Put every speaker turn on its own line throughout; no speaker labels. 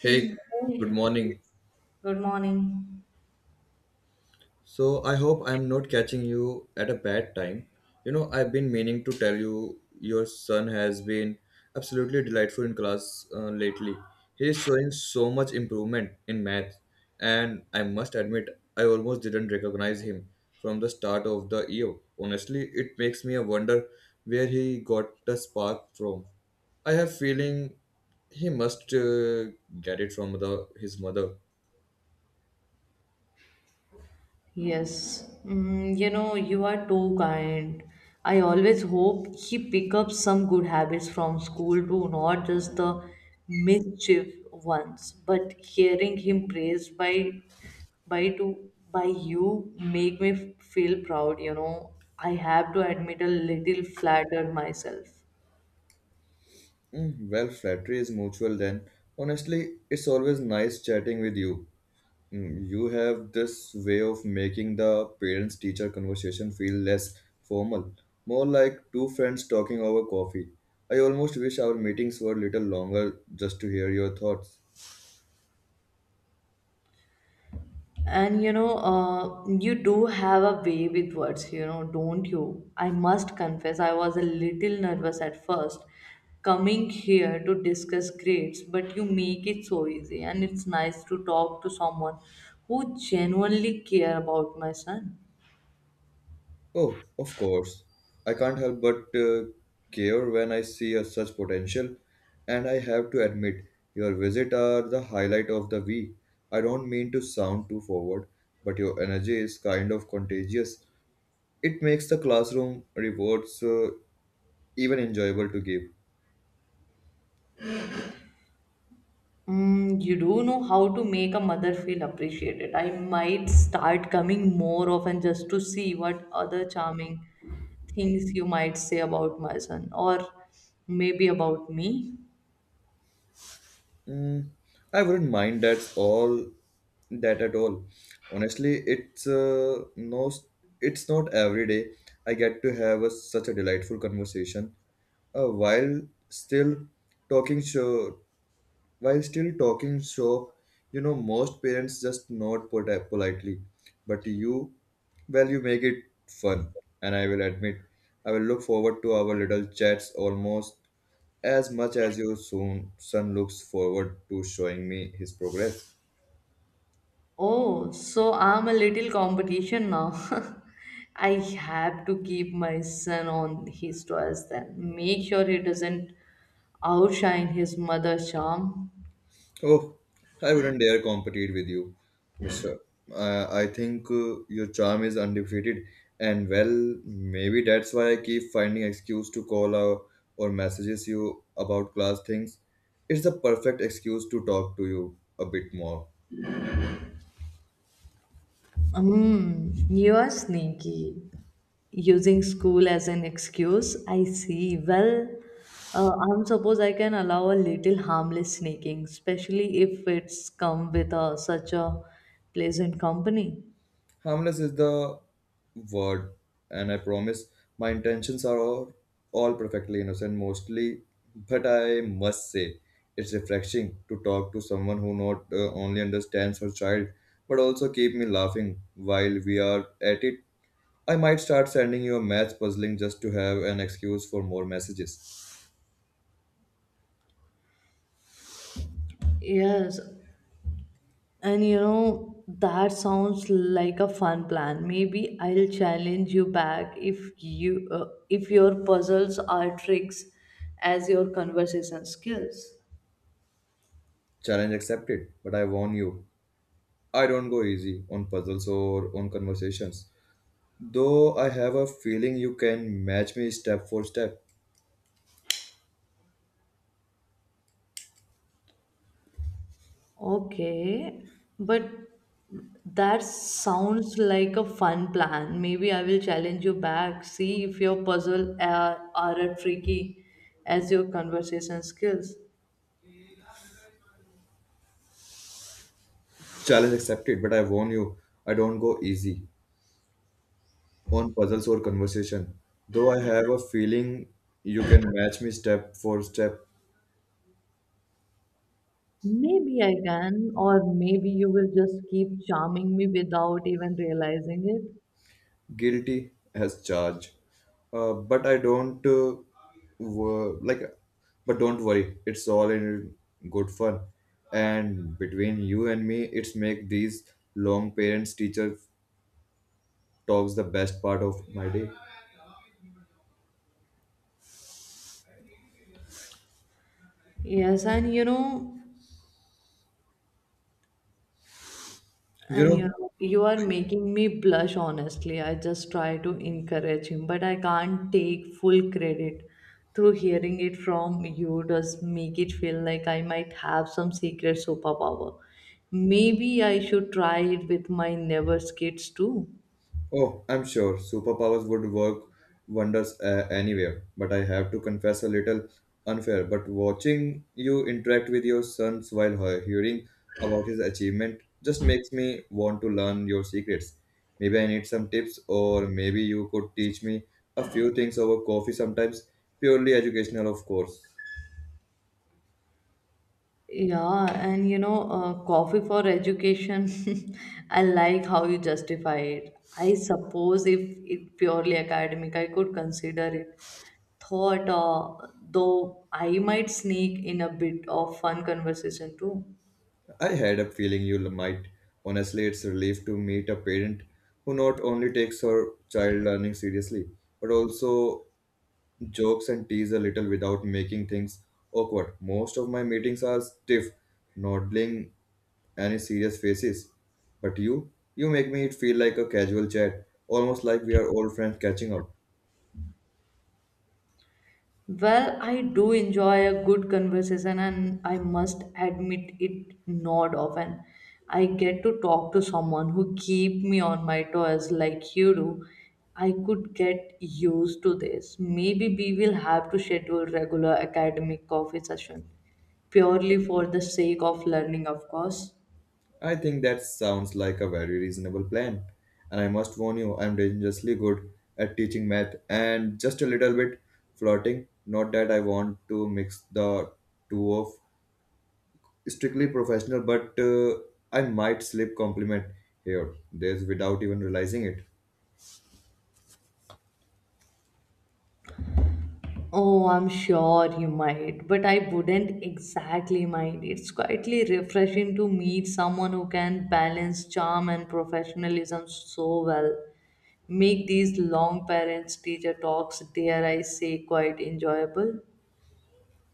Hey,
Mm.
good
Hey,
morning.
good morning.
So, I hope I'm not catching you at a bad time. You know, I've been meaning to tell you your son has been absolutely delightful in class lately. He is showing so much improvement in math, and I must admit, I almost didn't recognize him from the start of the year. Honestly, it makes me wonder where he got the spark from. I have feeling he must get it from the his mother.
Yes, mm, you know, you are too kind. I always hope he pick up some good habits from school too, not just the mischief ones. But hearing him praised by to by you make me feel proud, you know. I have to admit a little flattered myself.
Mm, well, flattery is mutual then. Honestly, it's always nice chatting with you. Mm, you have this way of making the parents teacher conversation feel less formal, more like two friends talking over coffee. I almost wish our meetings were a little longer just to hear your thoughts.
And you know you do have a way with words, you know, don't you? I must confess I was a little nervous at first coming here to discuss grades, but you make it so easy, and it's nice to talk to someone who genuinely care about my son.
Oh, of course. I can't help but care when I see a such potential, and I have to admit, your visit are the highlight of the week. I don't mean to sound too forward, but your energy is kind of contagious. It makes the classroom rewards even enjoyable to give.
Mm, you do know how to make a mother feel appreciated. I might start coming more often just to see what other charming things you might say about my son, or maybe about me.
Mm, I wouldn't mind that's all that at all. Honestly, it's no, it's not every day I get to have a, such a delightful conversation uh, while still talking show while still talking shop. You know, most parents just nod politely, but you, well, you make it fun. And I will admit, I will look forward to our little chats almost as much as your soon son looks forward to showing me his progress.
Oh, so I'm a little competition now. I have to keep my son on his toes then. Make sure he doesn't outshine his mother's charm.
Oh, I wouldn't dare compete with you, mister. I think your charm is undefeated, and well, maybe that's why I keep finding excuse to call, or messages you about class things. It's the perfect excuse to talk to you a bit more.
Mm, you are sneaky. Using school as an excuse. I see. Well, I'm suppose I can allow a little harmless sneaking, especially if it's come with a, such a pleasant company.
Harmless is the word, and I promise my intentions are all perfectly innocent mostly, but I must say it's refreshing to talk to someone who not only understands her child but also keep me laughing while we are at it. I might start sending you a maths puzzling just to have an excuse for more messages.
Yes, and you know, that sounds like a fun plan. Maybe I'll challenge you back if you if your puzzles are tricks as your conversation skills.
Challenge accepted, but I warn you, I don't go easy on puzzles or on conversations. Though I have a feeling you can match me step for step.
Okay, but that sounds like a fun plan. Maybe I will challenge you back. See if your puzzle are as tricky as your conversation skills.
Challenge accepted, but I warn you, I don't go easy on puzzles or conversation. Though I have a feeling you can match me step for step.
Maybe I can, or maybe you will just keep charming me without even realizing it.
Guilty as charged. But I don't wo- like. But don't worry, it's all in good fun. And between you and me, it's make these long parents teacher talks the best part of my day.
Yes, and you know,
You know,
You are making me blush, honestly. I just try to encourage him, but I can't take full credit. Through hearing it from you does make it feel like I might have some secret superpower. Maybe I should try it with my neighbor's kids too.
oh, I'm sure superpowers would work wonders anywhere, but I have to confess a little unfair. But watching you interact with your sons while hearing about his achievement just makes me want to learn your secrets. Maybe I need some tips, or maybe you could teach me a few things over coffee sometimes, purely educational, of course.
Yeah, and you know, coffee for education. I like how you justify it. I suppose if it purely academic, I could consider it. Thought, though I might sneak in a bit of fun conversation too.
I had a feeling you might. Honestly, it's a relief to meet a parent who not only takes her child learning seriously, but also jokes and tease a little without making things awkward. Most of my meetings are stiff, not bling any serious faces. But you make me it feel like a casual chat, almost like we are old friends catching up.
Well, I do enjoy a good conversation, and I must admit it not often. I get to talk to someone who keep me on my toes like you do. I could get used to this. Maybe we will have to schedule regular academic coffee session, purely for the sake of learning, of course.
I think that sounds like a very reasonable plan. And I must warn you, I'm dangerously good at teaching math and just a little bit flirting. Not that I want to mix the two of strictly professional, but I might slip compliment here, there's without even realizing it.
Oh, I'm sure you might, but I wouldn't exactly mind. It's quietly refreshing to meet someone who can balance charm and professionalism so well. Make these long parents teacher talks, dare I say, quite enjoyable.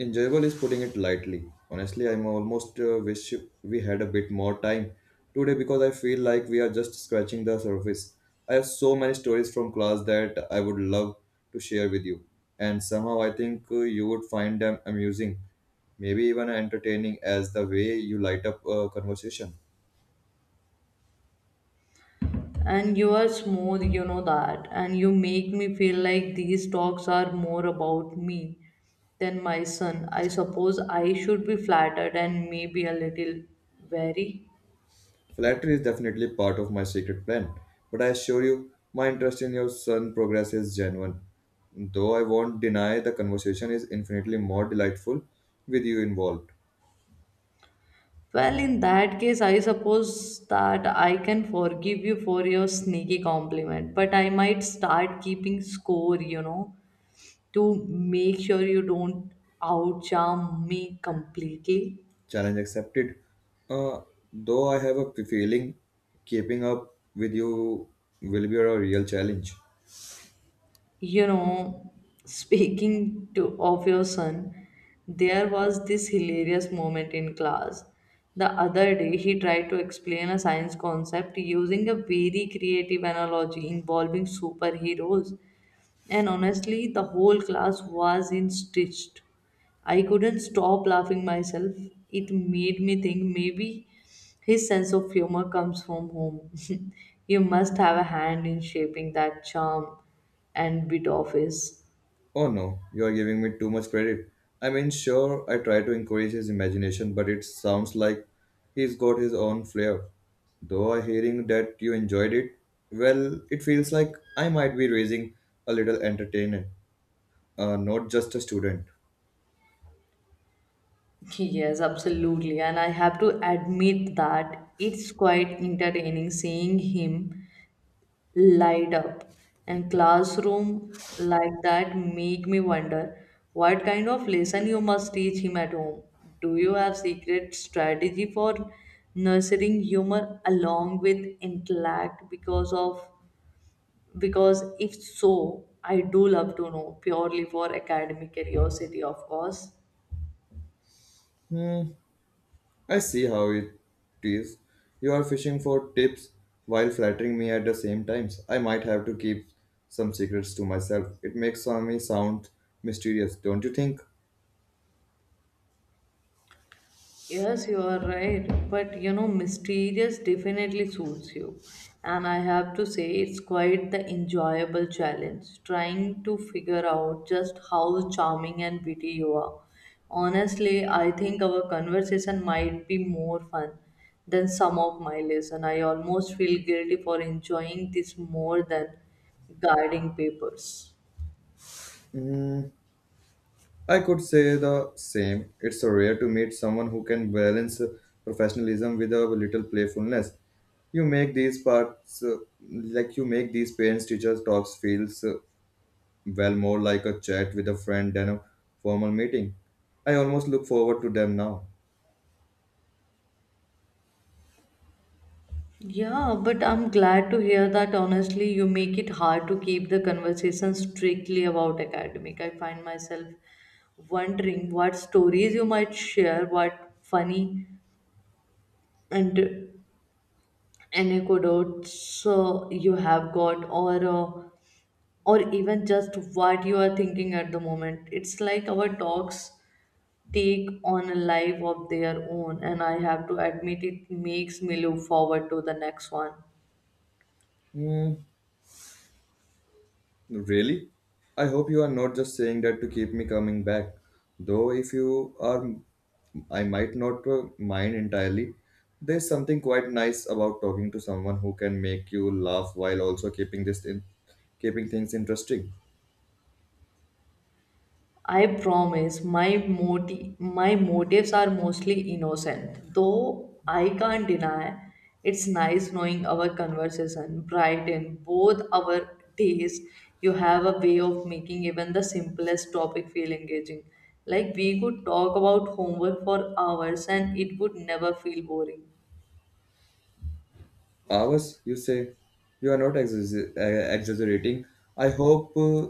Enjoyable is putting it lightly. Honestly, I'm almost wish we had a bit more time today because I feel like we are just scratching the surface. I have so many stories from class that I would love to share with you, and somehow I think you would find them amusing, maybe even entertaining, as the way you light up a conversation.
And you are smooth, you know that. And you make me feel like these talks are more about me than my son. I suppose I should be flattered, and maybe a little wary.
Flattery is definitely part of my secret plan, but I assure you, my interest in your son's progress is genuine. Though I won't deny the conversation is infinitely more delightful with you involved.
Well, in that case, I suppose that I can forgive you for your sneaky compliment, but I might start keeping score, you know, to make sure you don't outcharm me completely.
Challenge accepted. Uh, though I have a feeling keeping up with you will be a real challenge.
You know, speaking to of your son, there was this hilarious moment in class. The other day, he tried to explain a science concept using a very creative analogy involving superheroes. And honestly, the whole class was in stitched. I couldn't stop laughing myself. It made me think maybe his sense of humor comes from home. You must have a hand in shaping that charm and bit of his.
Oh no, you're giving me too much credit. I mean, sure, I try to encourage his imagination, but it sounds like he's got his own flair. Though I hearing that you enjoyed it, well, it feels like I might be raising a little entertainer, not just a student.
Yes, absolutely. And I have to admit that it's quite entertaining seeing him light up and classroom like that make me wonder what kind of lesson you must teach him at home. Do you have secret strategy for nurturing humor along with intellect, because if so, I do love to know, purely for academic curiosity, of course.
Hmm, I see how it is. You are fishing for tips while flattering me at the same times. I might have to keep some secrets to myself. It makes me sound mysterious, don't you think?
Yes, you are right. But you know, mysterious definitely suits you. And I have to say, it's quite the enjoyable challenge trying to figure out just how charming and witty you are. Honestly, I think our conversation might be more fun than some of my lesson. I almost feel guilty for enjoying this more than guarding papers.
Hmm, I could say the same. It's so rare to meet someone who can balance professionalism with a little playfulness. You make these parts uh, you make these parents teachers talks feels well, more like a chat with a friend than a formal meeting. I almost look forward to them now.
Yeah, but I'm glad to hear that, honestly, you make it hard to keep the conversation strictly about academic. I find myself wondering what stories you might share, what funny and anecdotes you have got, or even just what you are thinking at the moment. It's like our talks take on a life of their own, and I have to admit it makes me look forward to the next one.
Hmm. Really? I hope you are not just saying that to keep me coming back. Though if you are, I might not mind entirely. There's something quite nice about talking to someone who can make you laugh while also keeping things interesting.
I promise my motives are mostly innocent, though I can't deny it's nice knowing our conversation brighten both our days. You have a way of making even the simplest topic feel engaging. Like we could talk about homework for hours, and it would never feel boring.
Hours, you say? You are not exaggerating. I hope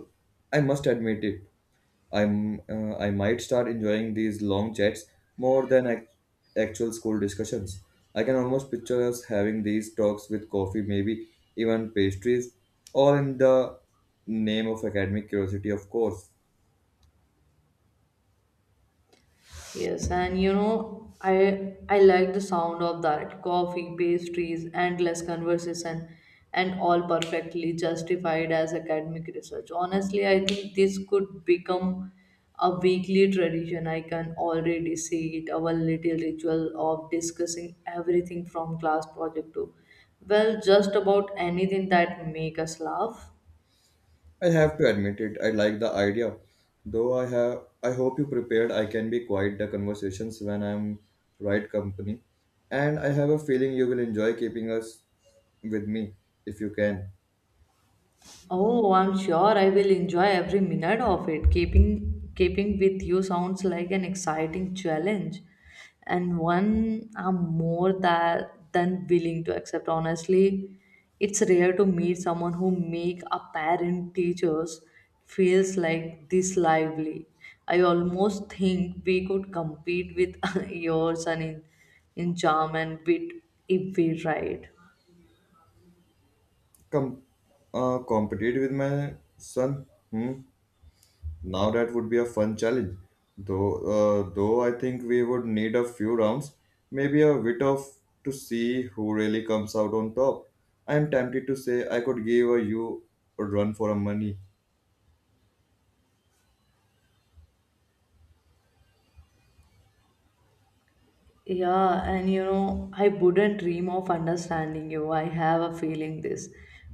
I must admit it. I might start enjoying these long chats more than actual school discussions. I can almost picture us having these talks with coffee, maybe even pastries, all in the name of academic curiosity, of course.
Yes, and you know, I like the sound of that: coffee, pastries, endless conversation, and all perfectly justified as academic research. Honestly, I think this could become a weekly tradition. I can already see it, our little ritual of discussing everything from class project to, well, just about anything that make us laugh.
I have to admit it, I like the idea. Though I have I hope you prepared I can be quiet the conversations when I'm right company. And I have a feeling you will enjoy keeping us with me if you can.
Oh, I'm sure I will enjoy every minute of it. Keeping with you sounds like an exciting challenge, and one I'm more than willing to accept. Honestly, it's rare to meet someone who make a parent teachers feels like this lively. I almost think we could compete with yours son in charm and wit if we tried.
Come compete with my son. Hmm? Now that would be a fun challenge. Though though I think we would need a few rounds, maybe a bit of to see who really comes out on top. I am tempted to say I could give a you a run for a money.
Yeah, and you know, I wouldn't dream of understanding you. I have a feeling this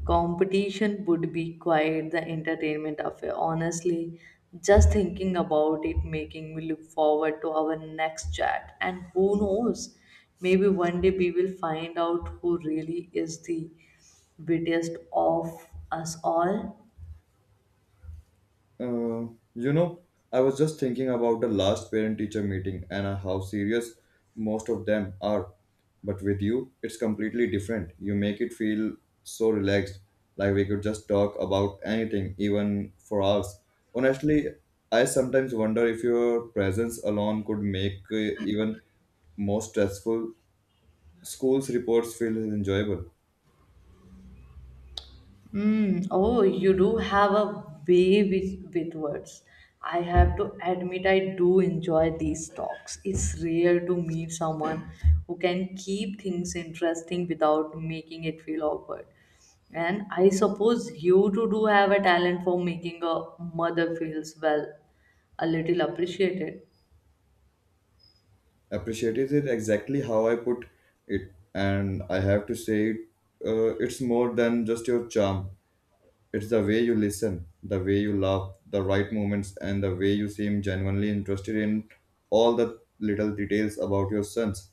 competition would be quite the entertainment affair. Honestly, just thinking about it making me look forward to our next chat. And who knows, maybe one day we will find out who really is the wittiest of us all.
Uh, you know, I was just thinking about the last parent teacher meeting and how serious most of them are. But with you, it's completely different. You make it feel so relaxed, like we could just talk about anything, even for hours. Honestly, I sometimes wonder if your presence alone could make even most stressful schools reports feel enjoyable.
Mm, oh, you do have a way with words. I have to admit, I do enjoy these talks. It's rare to meet someone who can keep things interesting without making it feel awkward. And I suppose you too do have a talent for making a mother feels, well, a little appreciated.
Appreciated it exactly how I put it, and I have to say, it's more than just your charm. It's the way you listen, the way you laugh, the right moments, and the way you seem genuinely interested in all the little details about your sons.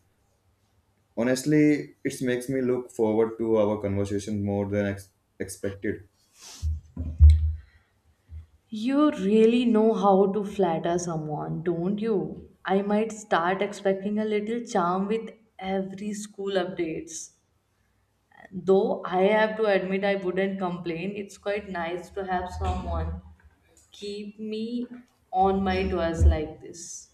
Honestly, it makes me look forward to our conversation more than expected.
You really know how to flatter someone, don't you? I might start expecting a little charm with every school updates. Though I have to admit I wouldn't complain, it's quite nice to have someone keep me on my toes like this.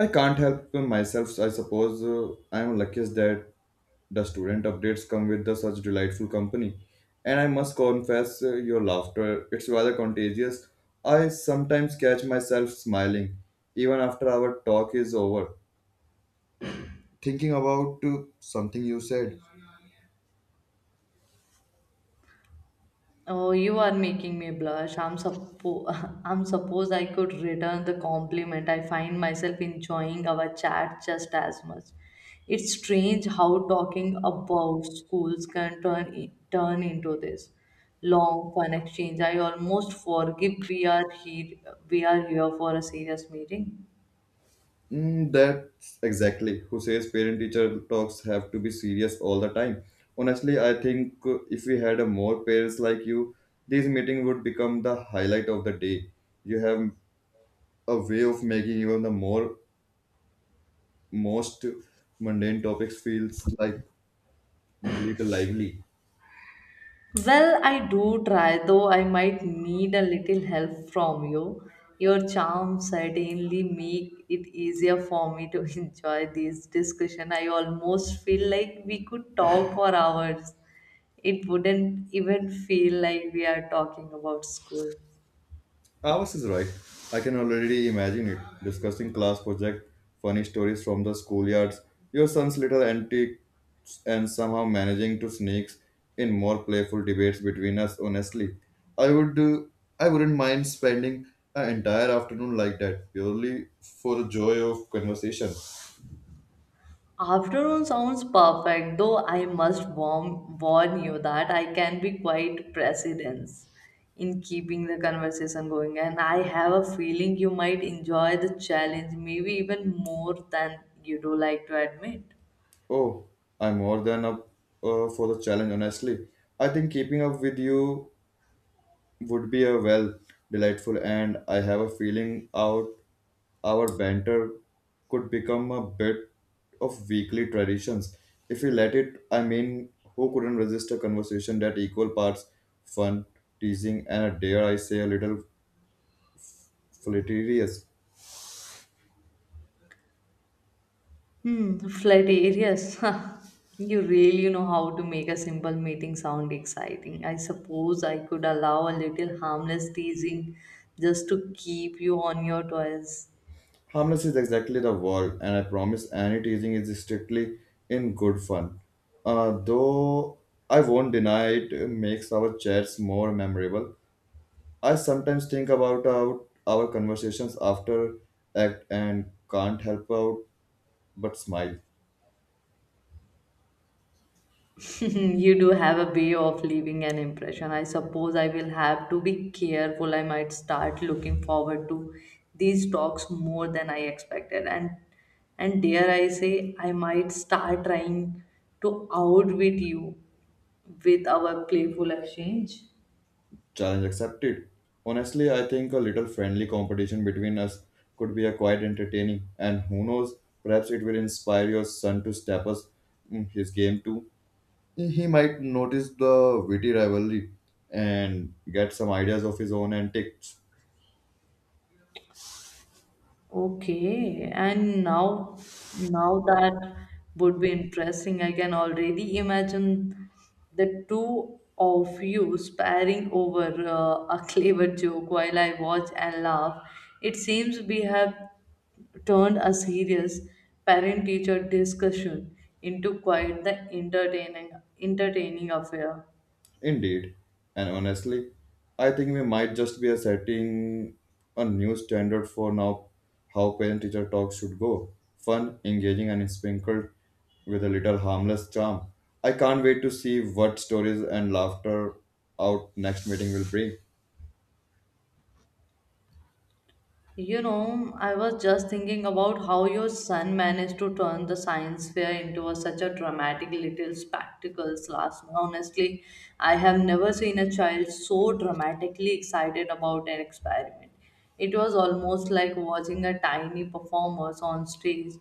I can't help myself. I suppose I am luckiest that the student updates come with the such delightful company. And I must confess, your laughter it's rather contagious. I sometimes catch myself smiling even after our talk is over, thinking about something you said.
Oh, you are making me blush. I'm suppose I could return the compliment. I find myself enjoying our chat just as much. It's strange how talking about schools can turn into this long fun exchange. I almost forgive we are here for a serious meeting.
Mm, that's exactly who says parent teacher talks have to be serious all the time. Honestly, I think if we had a more parents like you, this meeting would become the highlight of the day. You have a way of making even the more most mundane topics feels like little lively.
Well, I do try, though I might need a little help from you. Your charm certainly make it easier for me to enjoy this discussion. I almost feel like we could talk for hours. It wouldn't even feel like we are talking about school.
Ours is right. I can already imagine it. Discussing class project, funny stories from the schoolyards, your son's little antics, and somehow managing to sneak in more playful debates between us. Honestly, I would do. I wouldn't mind spending an entire afternoon like that, purely for the joy of conversation.
Afternoon sounds perfect, though I must warn you that I can be quite precedence in keeping the conversation going, and I have a feeling you might enjoy the challenge, maybe even more than you do like to admit.
Oh, I'm more than up for the challenge. Honestly, I think keeping up with you would be a well delightful, and I have a feeling out. Our banter could become a bit of weekly traditions if we let it. I mean, who couldn't resist a conversation that equal parts fun, teasing, and dare I say a little flirtatious?
Hmm, flat areas. You really know how to make a simple meeting sound exciting. I suppose I could allow a little harmless teasing just to keep you on your toes.
Harmless is exactly the word, and I promise any teasing is strictly in good fun. Though I won't deny it makes our chats more memorable. I sometimes think about our conversations after act and can't help out but smile.
You do have a way of leaving an impression. I suppose I will have to be careful. I might start looking forward to these talks more than I expected. And dare I say, I might start trying to outwit you with our playful exchange.
Challenge accepted. Honestly, I think a little friendly competition between us could be a quite entertaining, and who knows, perhaps it will inspire your son to step us his game too. He might notice the witty rivalry and get some ideas of his own antics.
Okay, and now that would be interesting. I can already imagine the two of you sparring over a clever joke while I watch and laugh. It seems we have turned a serious parent-teacher discussion into quite the entertaining affair.
Indeed, and honestly, I think we might just be setting a new standard for now how parent teacher talks should go. Fun, engaging, and sprinkled with a little harmless charm. I can't wait to see what stories and laughter our next meeting will bring.
You know, I was just thinking about how your son managed to turn the science fair into a, such a dramatic little spectacle last month. Honestly, I have never seen a child so dramatically excited about an experiment. It was almost like watching a tiny performers on stage,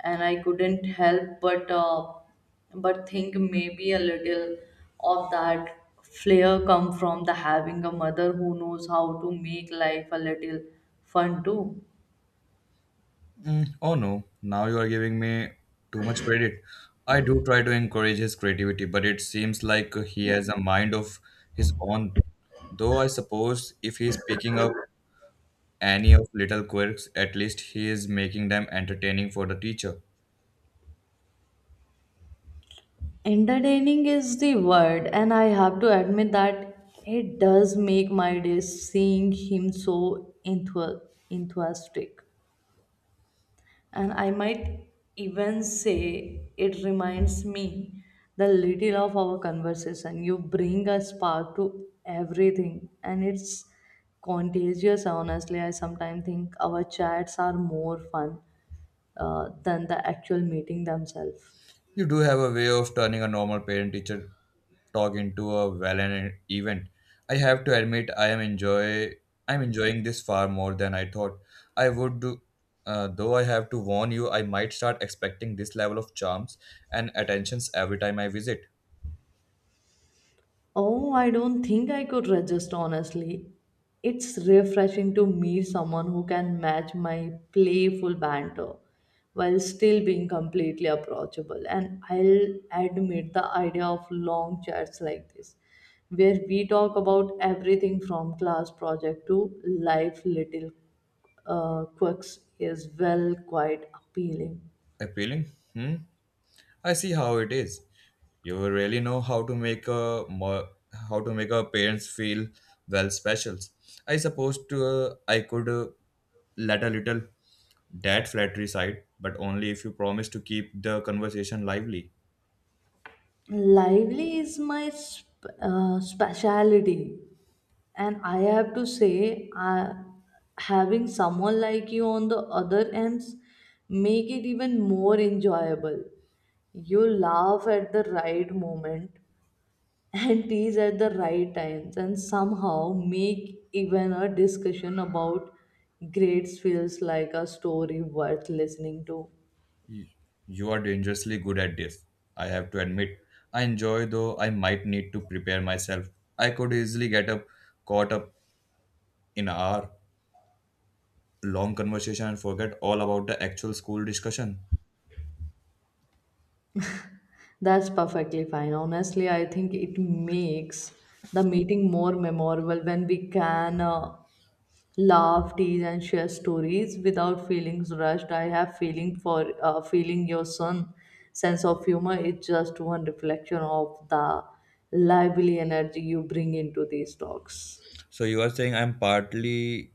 and I couldn't help but think maybe a little of that flair come from the having a mother who knows how to make life a little fun too.
Oh no, now you are giving me too much credit. I do try to encourage his creativity, but it seems like he has a mind of his own. Though I suppose if he's picking up any of little quirks, at least he is making them entertaining for the teacher.
Entertaining is the word, and I have to admit that it does make my day seeing him so enthu- enthusiastic. And I might even say it reminds me the little of our conversation. You bring a spark to everything, and it's contagious. Honestly, I sometimes think our chats are more fun than the actual meeting themselves.
You do have a way of turning a normal parent teacher talk into a valiant event. I have to admit I am enjoy I'm enjoying this far more than I thought I would do. Though I have to warn you, I might start expecting this level of charms and attentions every time I visit.
Oh, I don't think I could resist, honestly. It's refreshing to meet someone who can match my playful banter while still being completely approachable. And I'll admit the idea of long chats like this, where we talk about everything from class project to life little quirks, is, well, quite appealing.
Appealing? Hmm? I see how it is. You really know how to make a mo- How to make our parents feel well specials. I could let a little dad flattery side, but only if you promise to keep the conversation lively.
Lively is my speciality, and I have to say, having someone like you on the other ends make it even more enjoyable. You laugh at the right moment and tease at the right times, and somehow make even a discussion about grades feels like a story worth listening to.
Y- You are dangerously good at this. I have to admit. I enjoy though I might need to prepare myself. I could easily get up caught up in our long conversation and forget all about the actual school discussion.
That's perfectly fine. Honestly, I think it makes the meeting more memorable when we can laugh, tease, and share stories without feelings rushed. I have feeling for Feeling your son sense of humor is just one reflection of the lively energy you bring into these talks.
So you are saying I'm partly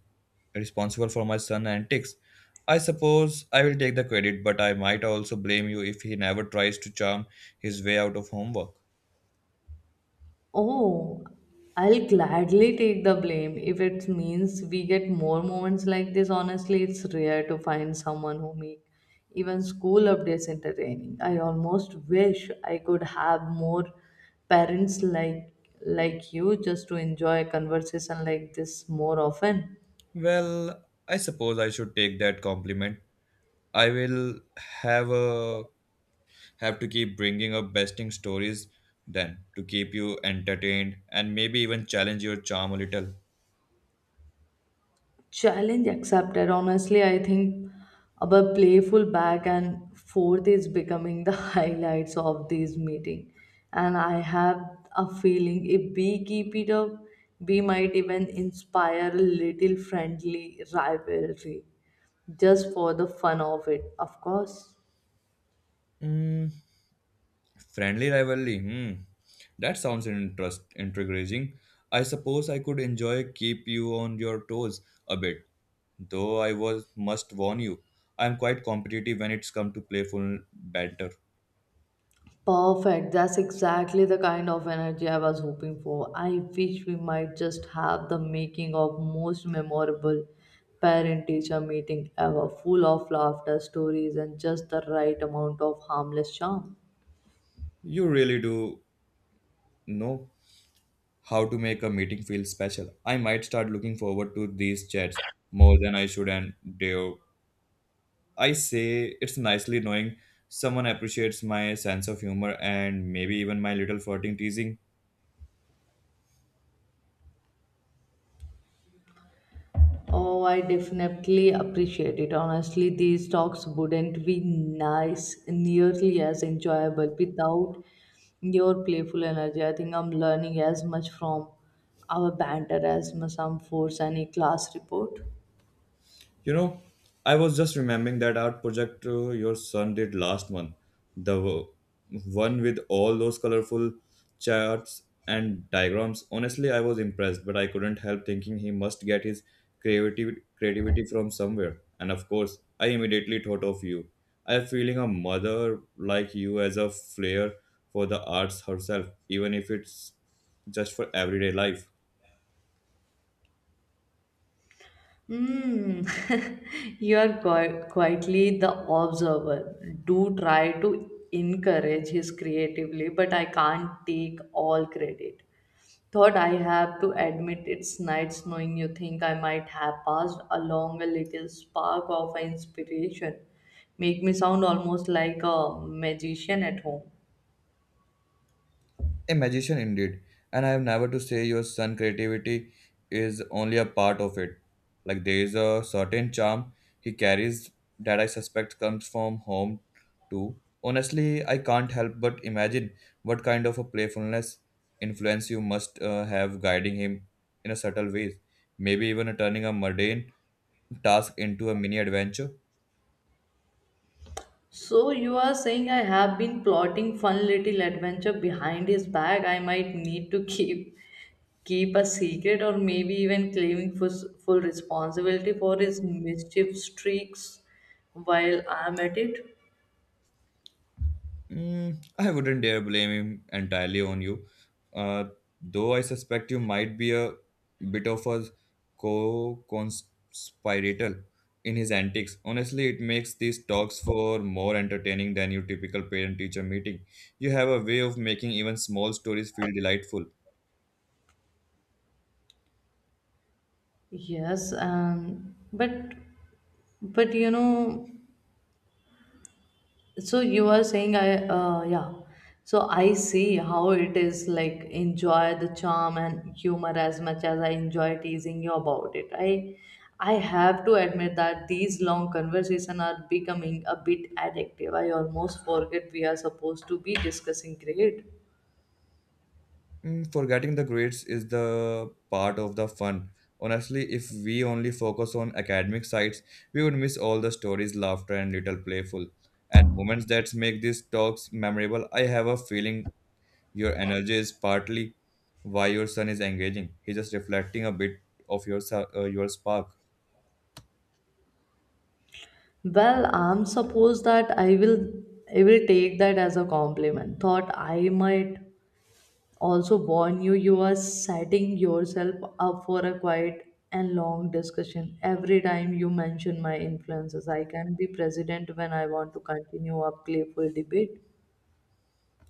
responsible for my son's antics. I suppose I will take the credit, but I might also blame you if he never tries to charm his way out of homework.
Oh, I'll gladly take the blame if it means we get more moments like this. Honestly, it's rare to find someone who make even school updates entertaining. I almost wish I could have more parents like you just to enjoy a conversation like this more often.
Well, I suppose I should take that compliment. I will have a have to keep bringing up besting stories then to keep you entertained and maybe even challenge your charm a little.
Challenge accepted. Honestly, I think our playful back and forth is becoming the highlights of this meeting. And I have a feeling if we keep it up, we might even inspire a little friendly rivalry, just for the fun of it, of course.
Mm, Friendly rivalry. Hmm. That sounds interest intriguing. I suppose I could enjoy keep you on your toes a bit. Though I was must warn you, I am quite competitive when it's come to playful banter.
Perfect. That's exactly the kind of energy I was hoping for. I wish we might just have the making of most memorable parent teacher meeting ever, full of laughter, stories, and just the right amount of harmless charm.
You really do know how to make a meeting feel special. I might start looking forward to these chats more than I should and dare. I say it's nicely knowing someone appreciates my sense of humor and maybe even my little flirting teasing.
Oh, I definitely appreciate it. Honestly, these talks wouldn't be nearly as enjoyable without your playful energy. I think I'm learning as much from our banter as much I'm force any class report.
You know, I was just remembering that art project your son did last month, the w- one with all those colorful charts and diagrams. Honestly, I was impressed, but I couldn't help thinking he must get his creativity from somewhere. And of course, I immediately thought of you. I am feeling a mother like you as a flair for the arts herself, even if it's just for everyday life.
Mm. You are quietly the observer. Do try to encourage his creatively, but I can't take all credit. Thought I have to admit it's nice knowing you think I might have passed along a little spark of inspiration. Make me sound almost like a magician at home.
A magician indeed. And I have never to say your son creativity is only a part of it. Like there is a certain charm he carries that I suspect comes from home too. Honestly, I can't help but imagine what kind of a playfulness influence you must have guiding him in a subtle ways. Maybe even turning a mundane task into a mini adventure.
So you are saying I have been plotting fun little adventure behind his back. I might need to keep a secret, or maybe even claiming full responsibility for his mischief streaks while I'm at it.
I wouldn't dare blame him entirely on you, uh, though I suspect you might be a bit of a co-conspirator in his antics. Honestly, it makes these talks for more entertaining than your typical parent-teacher meeting. You have a way of making even small stories feel delightful.
Yes, but you know, So you are saying I yeah. so I see how it is, like enjoy the charm and humor as much as I enjoy teasing you about it. I have to admit that these long conversations are becoming a bit addictive. I almost forget we are supposed to be discussing grade.
Forgetting the grades is the part of the fun. Honestly, if we only focus on academic sides, we would miss all the stories, laughter, and little playful and moments that make these talks memorable. I have a feeling your energy is partly why your son is engaging. He's just reflecting a bit of your spark.
Well, I'm supposed that I will take that as a compliment. Thought I might also warn you, you are setting yourself up for a quiet and long discussion every time you mention my influences. I can be president when I want to continue a playful debate.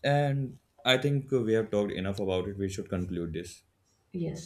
And I think we have talked enough about it. We should conclude this.
Yes.